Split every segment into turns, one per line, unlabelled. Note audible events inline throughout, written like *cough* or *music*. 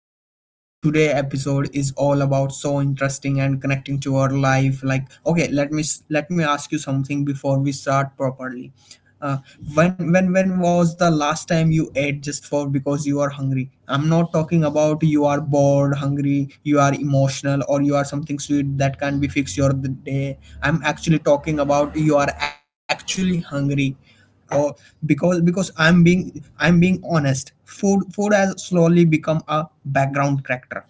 Abhishek. And today episode is all about so interesting and connecting to our life. Like, okay, let me ask you something before we start properly. uh, when was the last time you ate just for because you are hungry? I'm not talking about you are bored hungry, you are emotional, or you are something sweet that can be fixed your the day. I'm actually talking about you are actually hungry. Or because I'm being honest, food has slowly become a background character.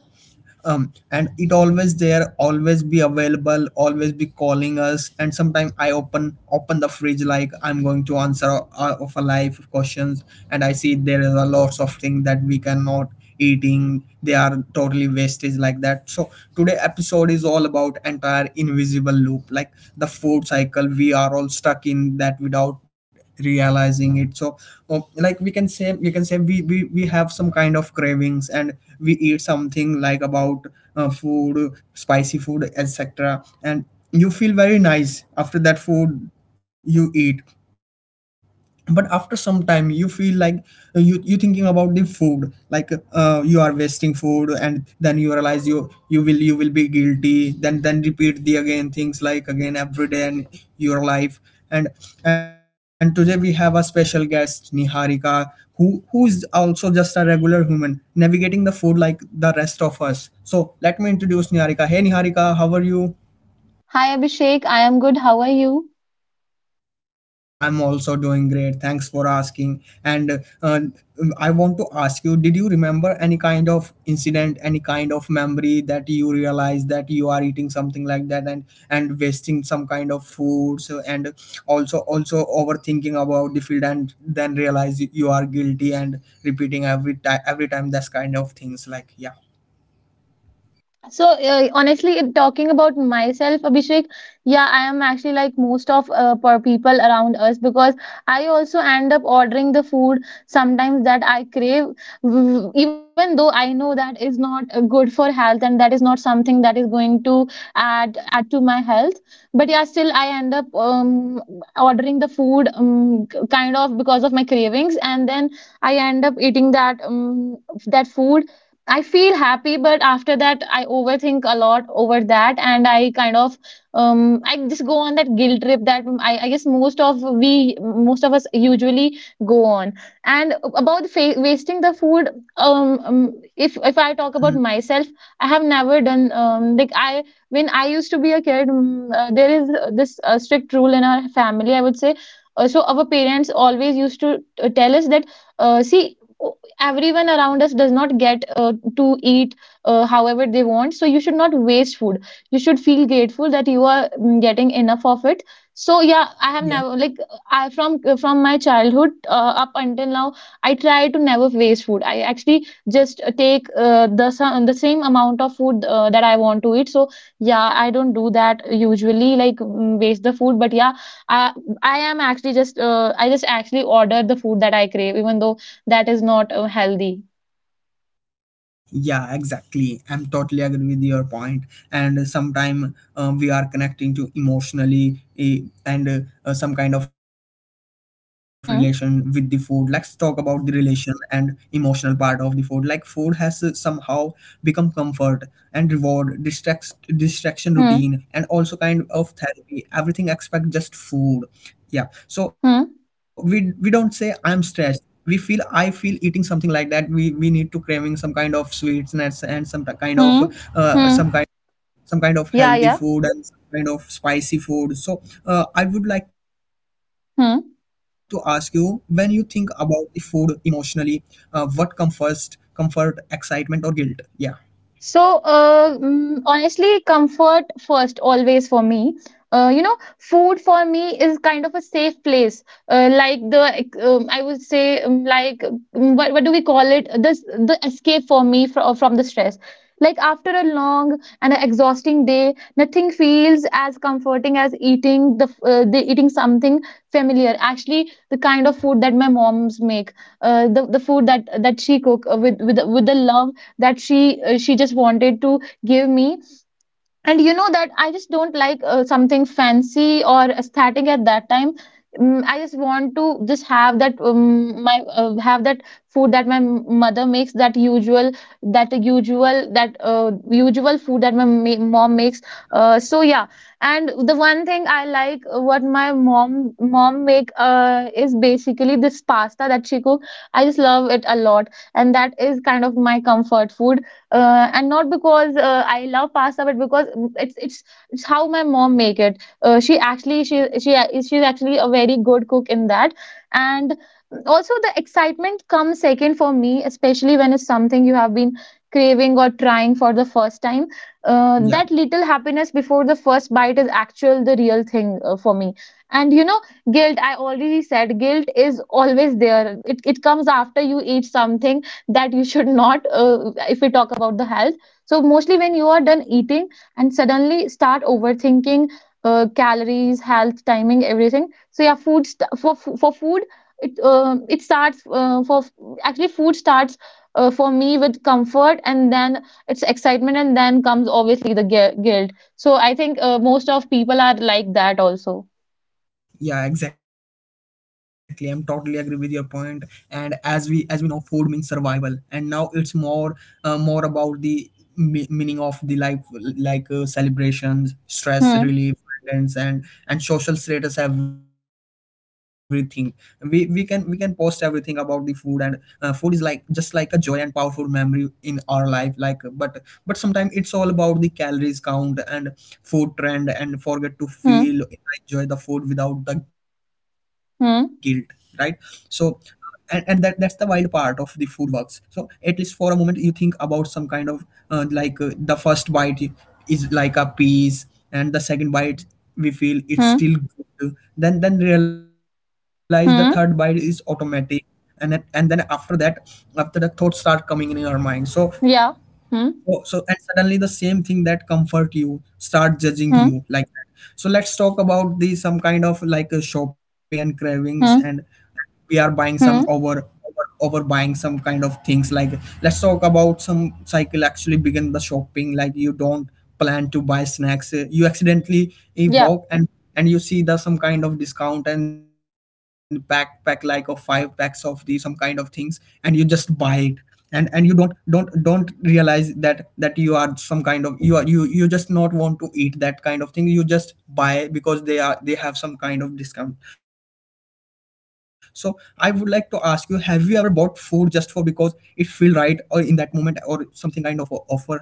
And it always there, always be available, always be calling us. And sometimes I open the fridge like I'm going to answer of a life questions. And I see there is a lots of things that we cannot eating, they are totally wastage like that. So today episode is all about entire invisible loop, like the food cycle we are all stuck in that without realizing it. So oh, like we can say we have some kind of cravings, and we eat something like about food, spicy food, etc. And you feel very nice after that food you eat. But after some time you feel like you thinking about the food, like you are wasting food, and then you realize you will be guilty. Then repeat the again things like again every day in your life. and and today we have a special guest, Niharika, who is also just a regular human navigating the food like the rest of us. So let me introduce Niharika. Hey Niharika, how are you?
Hi Abhishek, I am good. How are you?
I'm also doing great. Thanks for asking. And I want to ask you, did you remember any kind of incident, any kind of memory that you realize that you are eating something like that, and wasting some kind of food? So, and also overthinking about the field, and then realize you are guilty and repeating every time, that's kind of things, like, yeah.
So, honestly, talking about myself, Abhishek, yeah, I am actually like most of per people around us because I also end up ordering the food sometimes that I crave, even though I know that is not good for health, and that is not something that is going to add to my health. But yeah, still I end up ordering the food, kind of because of my cravings, and then I end up eating that food. I feel happy, but after that, I overthink a lot over that, and I kind of, I just go on that guilt trip that I guess, most of us usually go on. And about wasting the food, if I talk about
Mm,
myself, I have never done, like, I when I used to be a kid, there is this strict rule in our family, I would say. So our parents always used to, tell us that, see, everyone around us does not get, to eat, however they want, so you should not waste food. You should feel grateful that you are, getting enough of it. So yeah, I have
yeah.
never, like, I, from my childhood, up until now, I try to never waste food. I actually just take, the the same amount of food, that I want to eat. So yeah, I don't do that usually, like, waste the food. But yeah, i I am actually just, I just actually order the food that I crave even though that is not, healthy.
Yeah, exactly. I'm totally agree with your point. And sometime we are connecting to emotionally, and some kind of relation with the food. Let's
Hmm,
talk about the relation and emotional part of the food. Like food has somehow become comfort and reward, distraction routine, and also
hmm,
kind of therapy. Everything expect just food. Yeah. So we don't
hmm,
say I'm stressed, we feel, I feel eating something like that. We need to craving some kind of sweets, nuts, and kind of
hmm,
some kind,
hmm.
some kind
Yeah,
of
yeah.
healthy food and some kind of spicy food. So I would like to ask you, when
Hmm.
you think about the food emotionally, what comes first, comfort, excitement, or guilt? Yeah,
So, honestly, comfort first, always for me. Food for me is kind of a safe place. Like the, I would say, like, what do we call it? This the escape for me from the stress. Like after a long and a exhausting day, nothing feels as comforting as eating the, f- the eating something familiar. Actually, the kind of
yeah,
food that my moms make, the food that she cook, with the love that she just wanted to give me, and you know that I just don't like, something fancy or aesthetic at that time. I just want to just have that food that my mother makes, that usual that usual that usual food that my mom makes, so yeah. And the one thing I like, what my mom make, is basically this pasta that she cook. I just love it a lot, and that is kind of my comfort food. And not because, I love pasta, but because, it's how my mom make it. She's actually a very good cook in that, and also the excitement comes second for me, especially when it's something you have been craving or trying for the first time. That little
yeah,
happiness before the first bite is actual the real thing, for me. And, you know, guilt. I already said guilt is always there. It comes after you eat something that you should not, if we talk about the health. So mostly when you are done eating and suddenly start overthinking, calories, health, timing, everything. So yeah, food, for food, it starts, for actually, food starts, for me with comfort, and then it's excitement, and then comes obviously the guilt. So I think, most of people are like that also.
yeah, exactly. I'm totally agree with your point. And as we know, food means survival, and now it's more more about the meaning of the life. Like celebrations,
Hmm.
stress relief, friends, and social status, everything. We can post everything about the food. And food is like just like a joy and powerful memory in our life, like. But sometimes it's all about the calories count and understand food trend and forget to feel,
Hmm.
enjoy the food without the guilt, right? So
Hmm.
and that that's the wild part of the food works. So at least for a moment you think about some kind of like the first bite is like a piece, and the second bite we feel it's
Hmm.
still good. Then realize the third bite is
Hmm.
automatic. And then and then after that, after, the thoughts start coming in our mind. So
Yeah.
so,
Hmm.
so, and suddenly the same thing that comfort you start judging
Hmm.
you like that. So let's talk about the some kind of like a shopping and cravings.
Hmm.
And we are buying some
Hmm.
over buying some kind of things, like, let's talk about some cycle actually
Hmm.
begin the shopping. Like, you don't plan to buy snacks, you accidentally
Yeah.
walk and you see the some kind of discount, and pack like of five packs of these some kind of things, and you just buy it. And you don't realize that that you are some kind of, you are, you just not want to eat that kind of thing. You just buy because they are, they have some kind of discount. So I would like to ask you, have you ever bought food just for because it feel right or in that moment or something kind of offer? Yeah,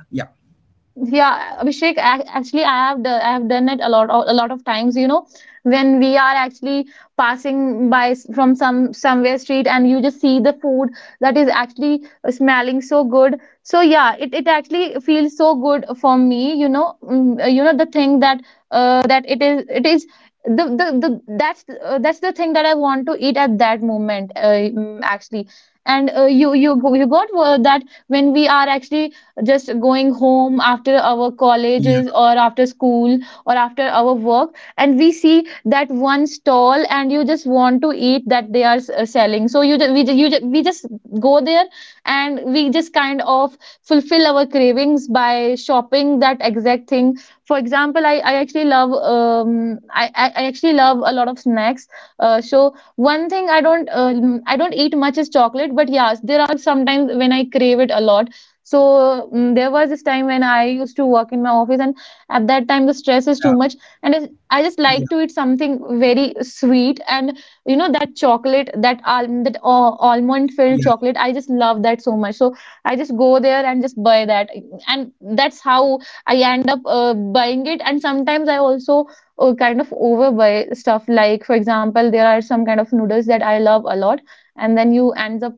Yeah, Abhishek, actually, I have done it a lot of times, you know, when we are actually passing by, from somewhere street, and you just see the food that is actually smelling so good. So yeah, it actually feels so good for me, you know, you know the thing that, that it is the that's the thing that I want to eat at that moment, actually. And you got, that when we are actually just going home after our
yeah,
colleges or after school or after our work, and we see that one stall, and you just want to eat that they are, selling. So you ju- we, ju- you ju- we just go there, and we just kind of fulfill our cravings by shopping that exact thing. For example, I actually love, I actually love a lot of snacks. So one thing I don't eat much is chocolate, but yes, there are sometimes when I crave it a lot. So, there was this time when I used to work in my office, and at that time the stress is too
yeah,
much, and I just like
yeah,
to eat something very sweet. And you know that chocolate, that almond
yeah,
filled chocolate, I just love that so much, so I just go there and just buy that. And that's how I end up, buying it. And sometimes I also, kind of overbuy stuff, like for example, there are some kind of
yeah,
noodles that I love a lot, and then you ends up,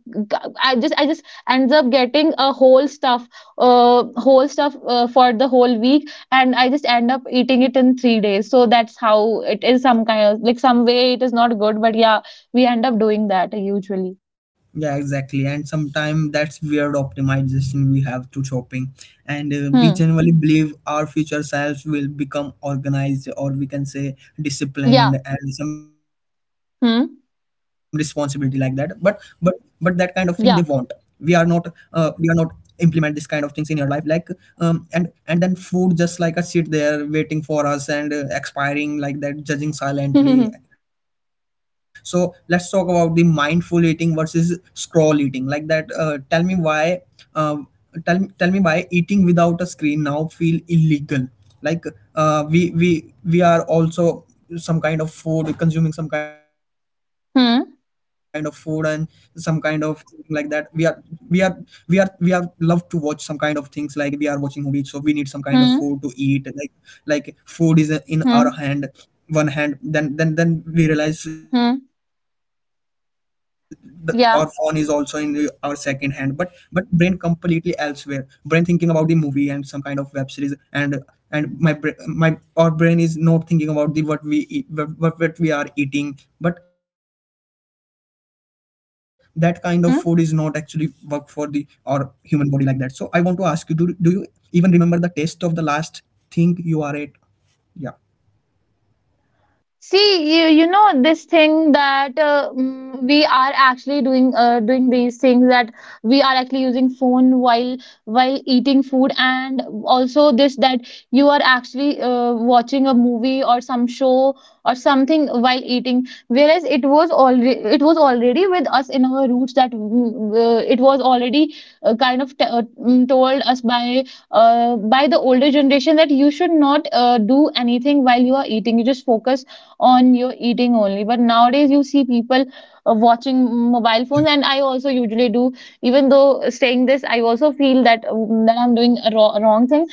I just ends up getting a whole stuff, for the whole week, and I just end up eating it in 3 days. So that's how it is, some kind of like, some way it is not good, but yeah, we end up doing that usually.
yeah. exactly. And sometimes that's weird optimization we have to shopping. And we
Hmm.
generally believe our future selves will become organized, or we can say
Yeah.
disciplined and some responsibility like that.
Hmm.
But that kind of thing they want. We are not
Yeah.
we are not implement this kind of things in your life like. And then food just like a sit there waiting for us, and expiring like that, judging
*laughs* Hmm.
silently, etc. So let's talk about the mindful eating versus scroll eating. Like that, tell me why. Um, tell me why eating without a screen now feel illegal. Like we are also some kind of food, consuming some kind of food, and
Hmm.
some kind of thing like that. We are we are we are we are love to watch some kind of things, like we are watching movies, so we need some kind of food
Hmm.
to eat, like food is in our
Hmm.
hand, one hand. Then we realize
Hmm.
the, our phone is also in the, our second
Yeah.
hand. But brain completely elsewhere, brain thinking about the movie and some kind of web series. and and my, our brain is not thinking about the what we eat, what we are eating. But that kind of food is not actually work for the
Hmm.
our human body like that. So I want to ask you, do you even remember the taste of the last thing you are at? Yeah,
See, you know this thing that, we are actually doing, doing these things, that we are actually using phone while eating food, and also this, that you are actually, watching a movie or some show or something while eating. Whereas it was already with us in our roots, that, it was already, told us by, by the older generation, that you should not, do anything while you are eating. You just focus on your eating only. But nowadays, you see people, watching mobile phones, and I also usually do. Even though, saying this, I also feel that, I'm doing a wrong thing.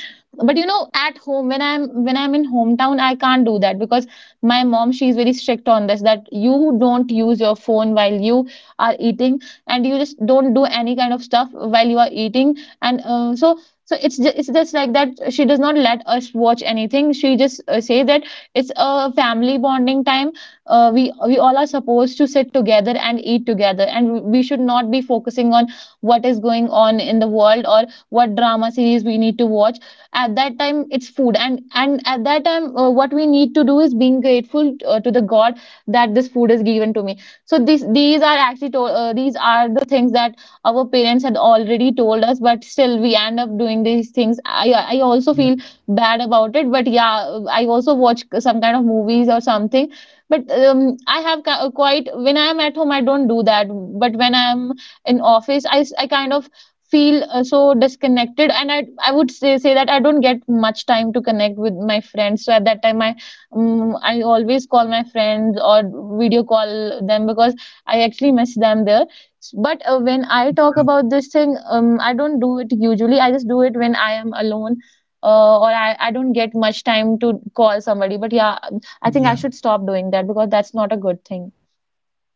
But you know, at home when I'm in hometown, I can't do that because my mom, she's very strict on this, that you don't use your phone while you are eating, and you just don't do any kind of stuff while you are eating. And so it's just like that. She does not let us watch anything. She just, say that it's a family bonding time. We all are supposed to sit together and eat together, and we should not be focusing on what is going on in the world or what drama series we need to watch. At that time, it's food. And at that time, what we need to do is being grateful, to the God, that this food is given to me. So these are the things that our parents had already told us, but still we end up doing these things. I also feel bad about it, but yeah, I also watch some kind of movies or something. But, quite, when I am at home, I don't do that. But when I am in office, I kind of feel, so disconnected, and I would say that I don't get much time to connect with my friends, so at that time, I always call my friends or video call them because I actually miss them there. But when I talk
yeah.
about this thing, I don't do it usually. I just do it when I am alone, or I don't get much time to call somebody. But yeah, I think I should
Yeah,
stop doing that because that's not a good thing.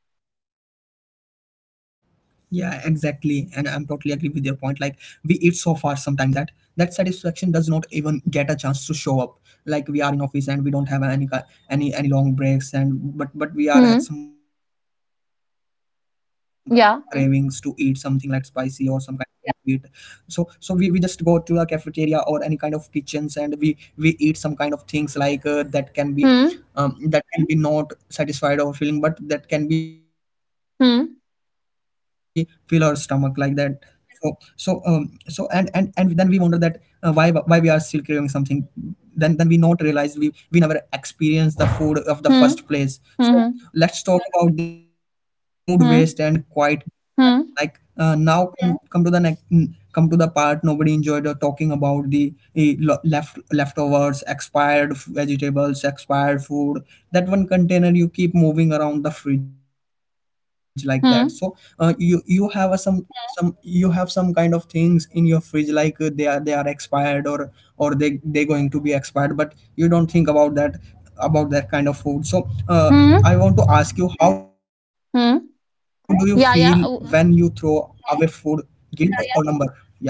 yeah, exactly. And I'm totally agree with your point. Like we eat so far sometime that that satisfaction does not even get a chance to show up. Like we are in office and we don't have any long breaks. And but we are
Hmm.
had some kind of cravings to eat something like spicy
Yeah.
or some kind of. Yeah. So so we just go to the cafeteria or any kind of kitchens, and we eat some kind of things like
Hmm.
that can be not satisfied or feeling, but that can be fill our stomach like
Hmm.
that. So so, um, so and then we wonder that why we are still craving something. Then we not realize we never experience the food of the first
Hmm.
place. So
Hmm.
let's talk about the food waste and
Hmm.
quite. Like
Hmm.
now. Yeah. Come to the next, mm, come to the part nobody enjoyed, talking about the left leftovers, expired vegetables, expired food, that one container you keep moving around the fridge like that. So you you have a,
Hmm.
some you have some kind of things in your fridge like they are, they are expired, or or they going to be expired, but you don't think about that, about that kind of food. So I want to
Hmm.
ask you, how do you feel when you
Hmm.
throw away
Yeah.
food, guilt
Yeah.
or number? Yeah,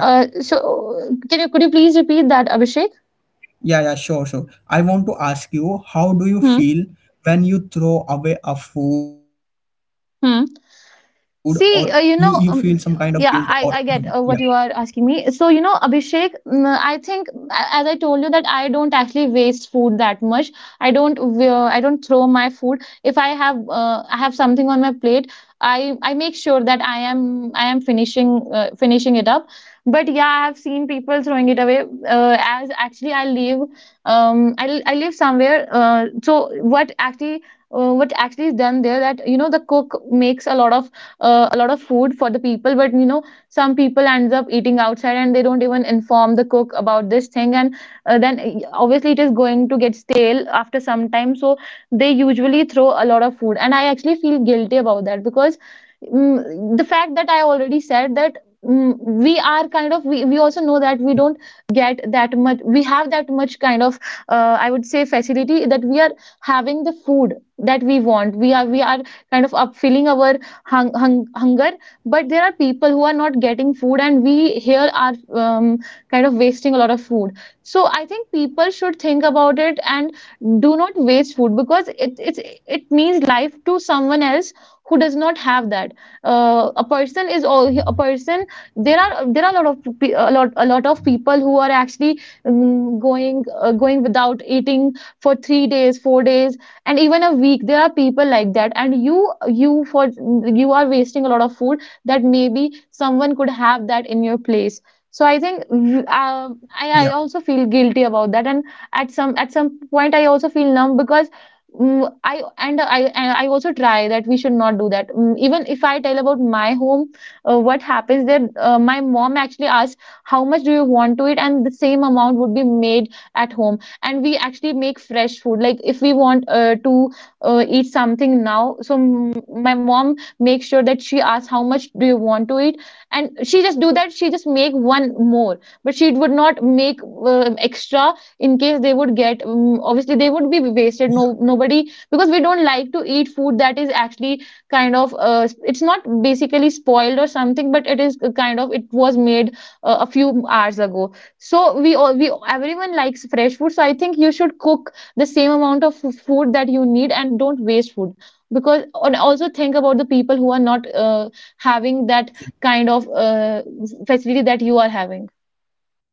So, can you could you please repeat that, Abhishek?
yeah, yeah, sure, sure. I want to ask you, how do you
Hmm.
feel when you throw away a food, or you feel
Hmm.
some kind of guilt or
See,
numb?
you know,
Yeah,
yeah, I get, what you are asking me. So, you know, Abhishek, I think, as I told you, that I don't actually waste food that much. I don't throw my food. If I have something on my plate, I make sure that I am finishing it up. But yeah, I have seen people throwing it away. As actually, I live somewhere. So what actually is done there, that you know the cook makes a lot of food for the
yeah,
people, but you know some people ends up eating outside and they don't even inform the cook about this thing. And then obviously it is going to get stale after some time, so they usually throw a lot of food, and I actually feel guilty about that. Because the fact that I already said that, we are kind of, we also know that we don't get that much. We have that much kind of, I would say, facility that we are having the food that we want. We are we are kind of up filling our hunger, but there are people who are not getting food, and we here are kind of wasting a lot of food. So I think people should think about it and do not waste food, because it means life to someone else who does not have that. A person is all a person. There are a lot of a lot of people who are actually going going without eating for 3 days, 4 days, and even a week. There are people like that, and you are wasting a lot of food that maybe someone could have that in your place. So I think, I
yeah.
also feel guilty about that. And at some point I also feel numb, because I also try that we should not do that. Even if I tell about my home, what happens there? My mom actually asks, "How much do you want to eat?" And the same amount would be made at home. And we actually make fresh food. Like if we want to eat something now, so my mom makes sure that she asks how much do you want to eat. And she just do that. She just make one more, but she would not make extra, in case they would get, obviously they would be wasted. No nobody, because we don't like to eat food that is actually kind of, it's not basically spoiled or something, but it is kind of, it was made a few hours ago. So we all, we everyone likes fresh food. So I think you should cook the same amount of food that you need, and don't waste food. Because and also think about the people who are not having that kind of facility that you are having.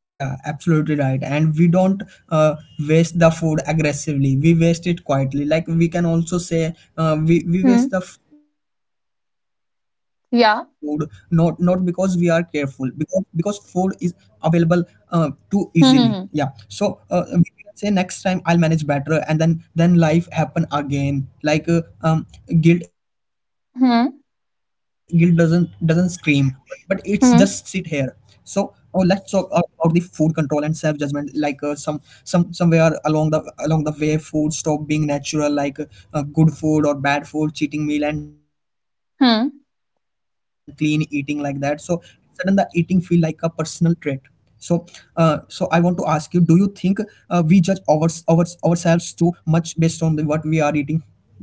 Yeah, absolutely right. And we don't uh, waste the food aggressively. We waste it quietly. Like we can also say, we waste
Hmm.
the food not not because we are
Yeah.
careful, because food is available too easily. Yeah. So
Hmm. Hmm.
we can say next time I'll manage better, and then life happen again. Guilt doesn't
Hmm.
scream but it's just sit here so oh, let's talk
Hmm.
about the food control and self judgment like uh, somewhere along the way food stop being natural like good food or bad food cheating meal and clean eating like that
Hmm. Hmm?
so sudden the eating feel like a personal trait so so I want to ask you, do you think we judge our ourselves too much based on the, what we are eating? Yeah,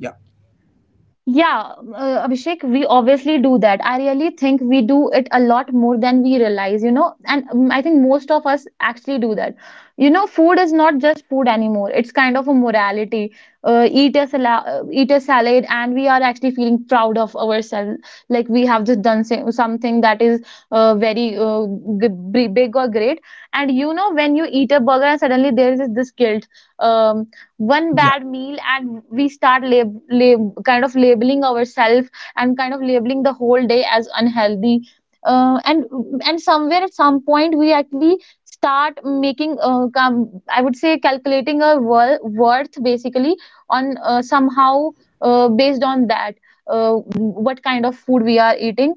Yeah, Abhishek, we obviously do that. I really think we do it a lot more than we realize, you know, and I think most of us actually do that. You know, food is not just food anymore. It's kind of a morality. Eat a salad, eat a salad, and we are actually feeling proud of ourselves, like we have just done something that is very, big or great. And you know, when you eat a burger, and suddenly there is this guilt. Um, One
yeah,
bad meal and we start kind of labeling ourselves, and kind of labeling the whole day as unhealthy, uh, and and somewhere at some point we actually start making, I would say, calculating our worth, basically, on, somehow based on that, uh, what kind of food we are eating.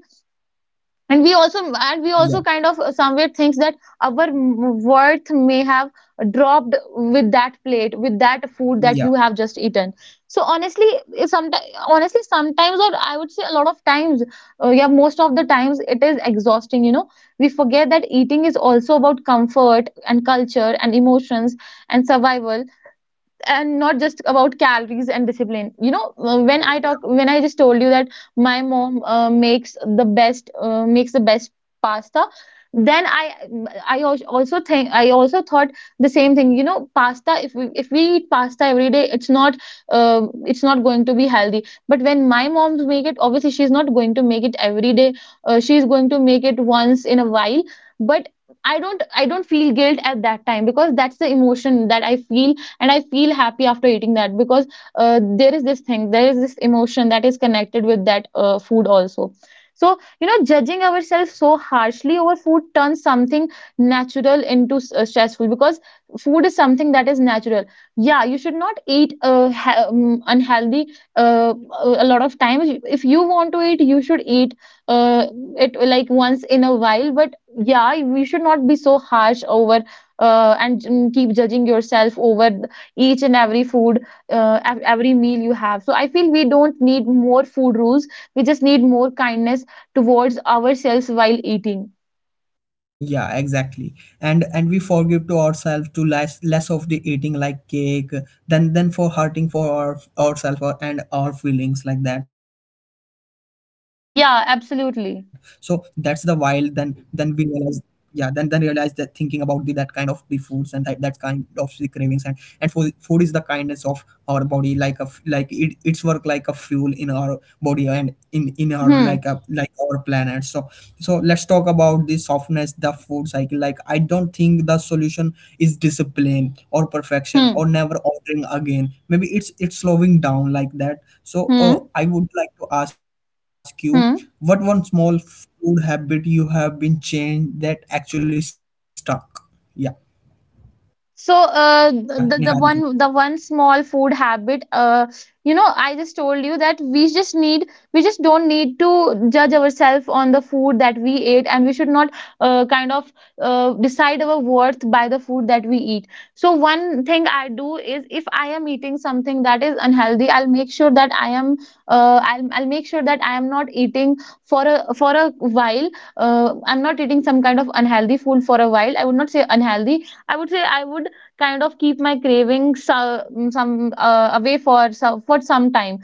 And we also,
yeah,
kind of somewhere thinks that our worth may have dropped with that plate, with that food that you
yeah,
have just eaten. So honestly sometimes, or I would say a lot of times, yeah, most of the times it is exhausting, you know. We forget that eating is also about comfort and culture and emotions and survival, and not just about calories and discipline, you know. When I just told you that my mom makes the best pasta, then I also thought the same thing. You know, pasta, if we eat pasta every day, it's not, uh, it's not going to be healthy. But when my mom's make it, obviously she's not going to make it every day. She's going to make it once in a while. But I don't feel guilt at that time, because that's the emotion that I feel, and I feel happy after eating that. Because there is this emotion that is connected with that food also. So you know,
yeah,
judging ourselves so harshly over food turns something natural into stressful, because food is something that is natural. Yeah, you should not eat, unhealthy, uh, a lot of times. If you want to eat, you should eat uh, it like once in a while. But yeah, we should not be so harsh over, and keep judging yourself over each and every food, every meal you have. So I feel we don't need more food rules, we just need more kindness towards ourselves while eating.
yeah, exactly. And we forgive to ourselves to less less of the eating like cake than for hurting for our, ourselves or, and our feelings like that. So that's the wild,
Yeah,
then we realize.
absolutely.
Yeah, then realize that thinking about the that kind of the foods and that, that kind of the cravings and food food is the kindness of our body like a like it's work like a fuel in our body and in our like
Hmm.
a like our planet. So so let's talk about the softness the food cycle. Like I don't think the solution is discipline or perfection or
Hmm.
never ordering again, maybe it's slowing down like that. So
Hmm.
I would like to ask you, what one
Hmm.
small food habit you have been changed that actually stuck? Yeah,
So,
yeah, Niharika.
the one small food habit, you know, I just told you that we just don't need to judge ourselves on the food that we ate, and we should not kind of decide our worth by the food that we eat. So one thing I do is, if I am eating something that is unhealthy, I'll make sure that I am not eating for a while. I'm not eating some kind of unhealthy food for a while. I would not say unhealthy, I would say I would kind of keep my cravings, so, some away for some time.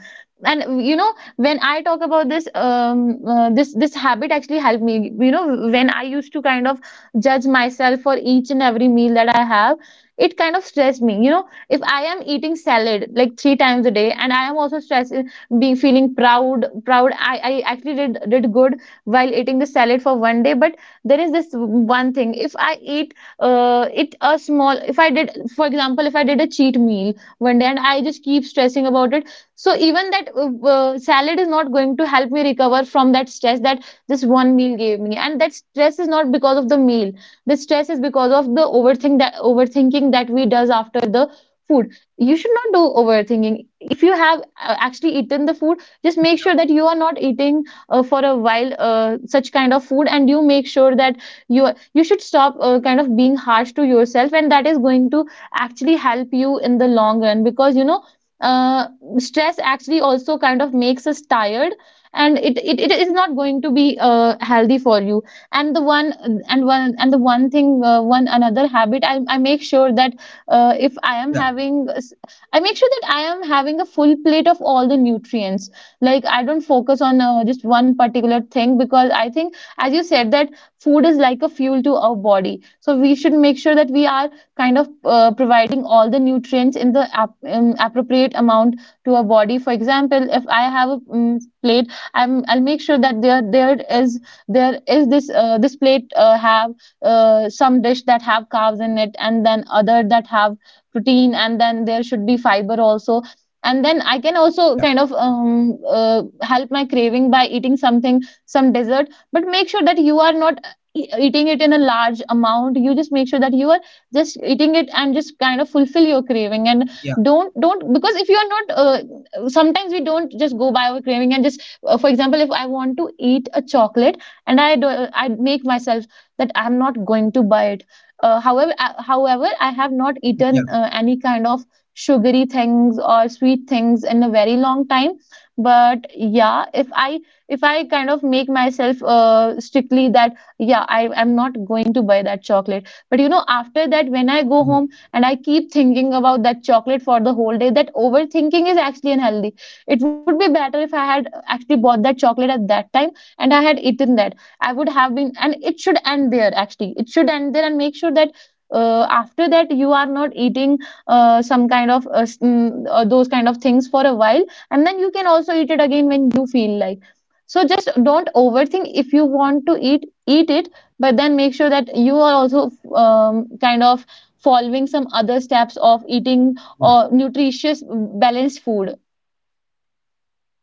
And you know, when I talk about this, this habit actually helped me. You know, when I used to kind of judge myself for each and every meal that I have, it kind of stressed me. You know, if I am eating salad like three times a day, and I am also stressed, being feeling proud. I actually did good while eating the salad for one day, but there is this one thing if I eat, it a small if I did for example, if I did a cheat meal one day and I just keep stressing about it, so even that, salad is not going to help me recover from that stress that this one meal gave me. And that stress is not because of the meal. The stress is because of the overthink that overthinking that we does after the food. You should not do overthinking. If you have actually eaten the food, just make sure that you are not eating for a while such kind of food, and you make sure that you you should stop, kind of being harsh to yourself, and that is going to actually help you in the long run, because you know, uh, stress actually also kind of makes us tired, and it is not going to be healthy for you. And the one thing, one another habit, I make sure that, if
Yeah,
I am having I make sure that I am having a full plate of all the nutrients. Like I don't focus on just one particular thing, because I think, as you said, that food is like a fuel to our body. So we should make sure that we are kind of providing all the nutrients in the appropriate amount to our body. For example, if I have a plate,
yeah,
I'll make sure that there is, this plate have some dish that have carbs in it, and then other that have protein, and then there should be fiber also. And then I
yeah,
can
yeah,
also kind of help my craving by eating something, some dessert. But make sure that you are not eating it in a large amount. You just make sure that you are just eating it and just kind of fulfill your craving,
yeah,
and don't, because if you are not sometimes we don't just go by our craving and just for example, if I want to eat a chocolate and I do, I make myself that I am not going to buy it. However, however I have not
yeah,
eaten any kind of sugary things or sweet things in a very long time. But yeah, if I, if I kind of make myself strictly that, yeah, I'm not going to buy that chocolate. But you know, after that, when I go home and I keep thinking about that chocolate for the whole day, that overthinking is actually unhealthy. It would be better if I had actually bought that chocolate at that time and I had eaten that. I would have been, and it should end there. Actually, it should end there, and make sure that after that you are not eating some kind of s- mm, those kind of things for a while, and then you can also eat it again when you feel like. So just don't
yeah,
overthink. If you want to eat, eat it. But then make sure that you are also kind of following some other steps of
yeah,
eating or nutritious balanced food.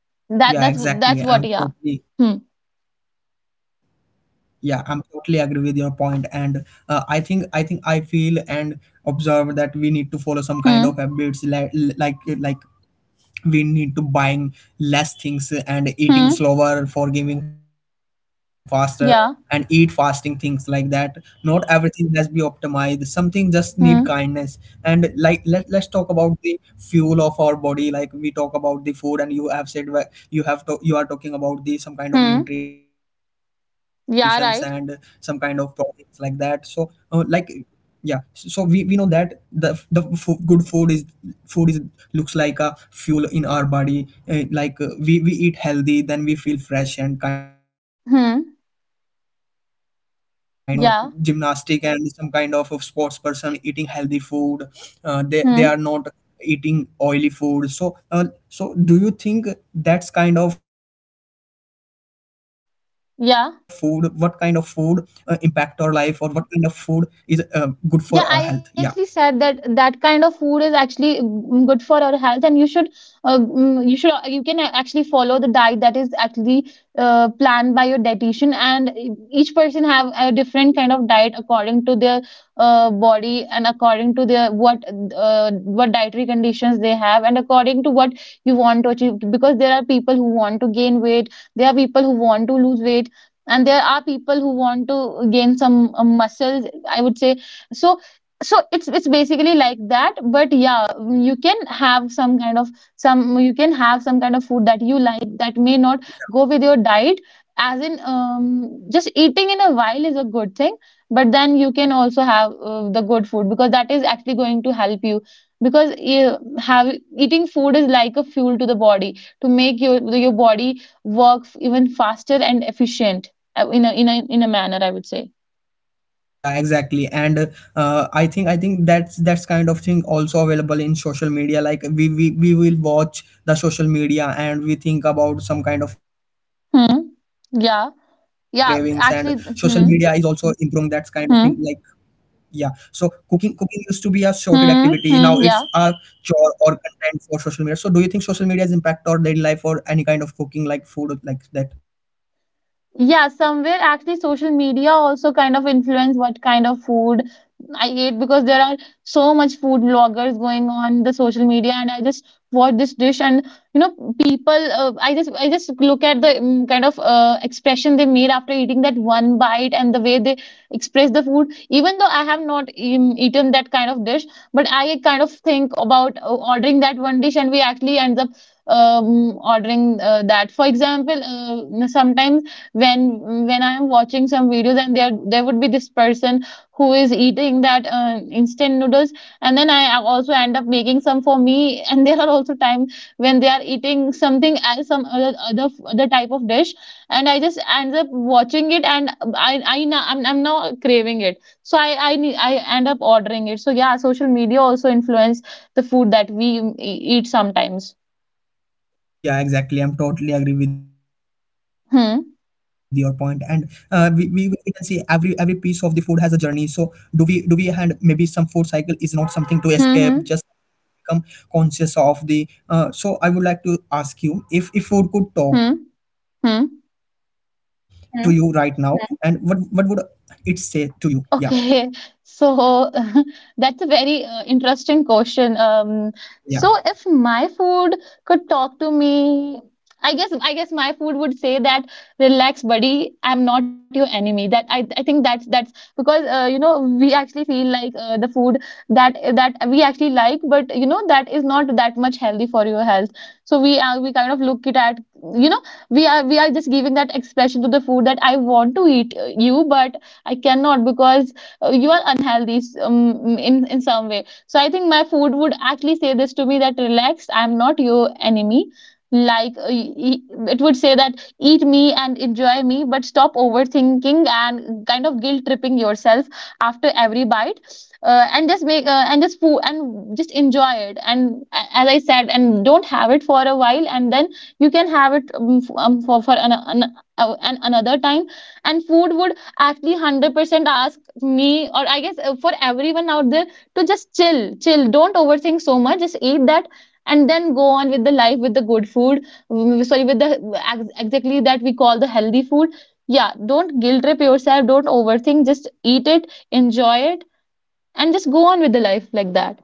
yeah,
that that's
exactly. i'm
that's what,
totally
yeah. Hmm.
Yeah, I'm totally agree with your point. And uh, I think I feel and observe that we need to follow some kind of habits like
Hmm.
like we need to buying less things and eating slower forgiving
Hmm.
faster and eat fasting things like that.
Yeah.
Not everything has be optimized, something just need kindness. And like let's
Hmm.
talk about the fuel of our body. Like we talk about the food and you have said you have to you are talking about the some kind of nutritions and some
Hmm.
kind of proteins like that. So
Yeah,
like
right.
yeah, so so we know that the good food is looks like a fuel in our body. We eat healthy then we feel fresh and kind of things. And um, we can
Hmm.
also see some kind of uh,
Yeah.
gymnastic and some kind of sports person eating healthy food. They are
Hmm.
not eating oily food. So so do you think that's kind of food, what kind of food impact our life or what
Yeah.
kind of food is good for our health? Yeah.
Yeah, I actually said that that kind of food is actually good for our health, and you should, you can actually follow the diet that is actually planned by your dietitian. And e, each person have a different kind of diet according to their body, and according to their what, what dietary conditions they have, and according to what you want to achieve. Because there are people who want to gain weight, there are people who want to lose weight, and there are people who want to gain some muscles, I would say. So, so it's basically like that. But yeah, you can have some kind of, some you can have some kind of food that you like that may not go with your diet, as in, just eating in a while is a good thing. But then you can also have the good food, because that is actually going to help you, because you have, eating food is like a fuel to the body to make your body work even faster and efficient, in a manner, I would say.
Yeah, exactly. And uh, I think that's kind of thing also available in social media. Like we will watch the social media and we think about some kind of cravings and
Hmm.
social media is
Yeah.
also improving
Yeah,
that kind of
actually.
thing, like,
Hmm.
yeah. So cooking
Hmm.
cooking used to be a sorted activity. Now it's a
Hmm.
chore
Hmm.
or
Yeah.
content for social media. So do you think social media is impact or daily life or any kind of cooking like food like that?
Yeah, somewhere actually social media also kind of influence what kind of food I eat, because there are so much food bloggers going on the social media, and I just watch this dish. And you know people, I just look at the kind of expression they made after eating that one bite, and the way they express the food, even though I have not eaten that kind of dish, but I kind of think about ordering that one dish, and we actually end up ordering that. For example, sometimes when when I am watching some videos, and there would be this person who is eating that instant noodles, and then I also end up making some for me *laughs* and there are also time when they are eating something else, some other type of dish, and I
Yeah,
just end up watching it, and I'm now craving it, so I end up ordering it. So yeah, social media also influence the food that we eat sometimes.
yeah, exactly. I'm totally agree with your point. And
Hmm.
we can see every piece of the food has a journey. So do we and maybe some food cycle is not something to escape,
Hmm.
just
Hmm.
become conscious of the. I would like to ask you, if food could talk
Hmm.
to, Hmm, you
Hmm.
right now, Hmm, and what would it say to you? Yeah,
Okay, *laughs* so *laughs* that's a very interesting question.
yeah,
So if my food could talk to me, I guess my food would say that, relax, buddy. I'm not your enemy. That I think that's because you know, we actually feel like the food that we actually like, but you know that is not that much healthy for your health. So we, we kind of look it at, you know, we are just giving that expression to the food that I want to eat, you, but I cannot because you are unhealthy, in some way. So I think my food would actually say this to me, that relax, I'm not your enemy. Like, it would say that, eat me and enjoy me, but stop overthinking and kind of guilt tripping yourself after every bite. And just make and just food and just enjoy it, and, as I said, and don't have it for a while, and then you can have it, for an another time. And food would actually 100% ask me, or I guess for everyone out there, to just chill, don't overthink so much, just eat that, and then go on with the life, with the good food. Sorry, with the, exactly, that we call the healthy food. Yeah, don't guilt trip yourself, don't overthink, just eat it, enjoy it, and just go on with the life like that.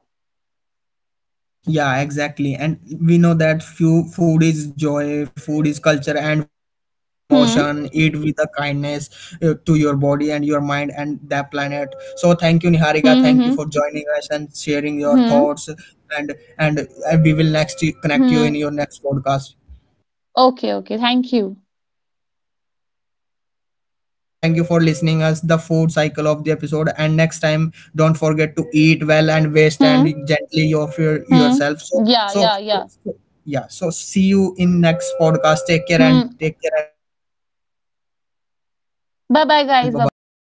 yeah, exactly. And we know that few food is joy, food is culture and food is emotion.
Hmm.
Eat with a kindness to your body and your mind and the planet. So thank you, Niharika,
Hmm.
thank you
Hmm.
for joining us and sharing your
Hmm.
thoughts. And and we will next
Hmm.
connect you in
Hmm.
your next podcast.
Okay, okay, thank you.
Thank you so much, and thank you for everyone. Thank you for listening us the food cycle of the episode. And next time, don't forget to eat well and waste and
Hmm.
gently of your
Hmm.
yourself. So,
Yeah,
so
yeah,
so
yeah.
so- yeah. So see you in next podcast.
Hmm.
Take care and bye bye.
Bye bye, guys, bye bye.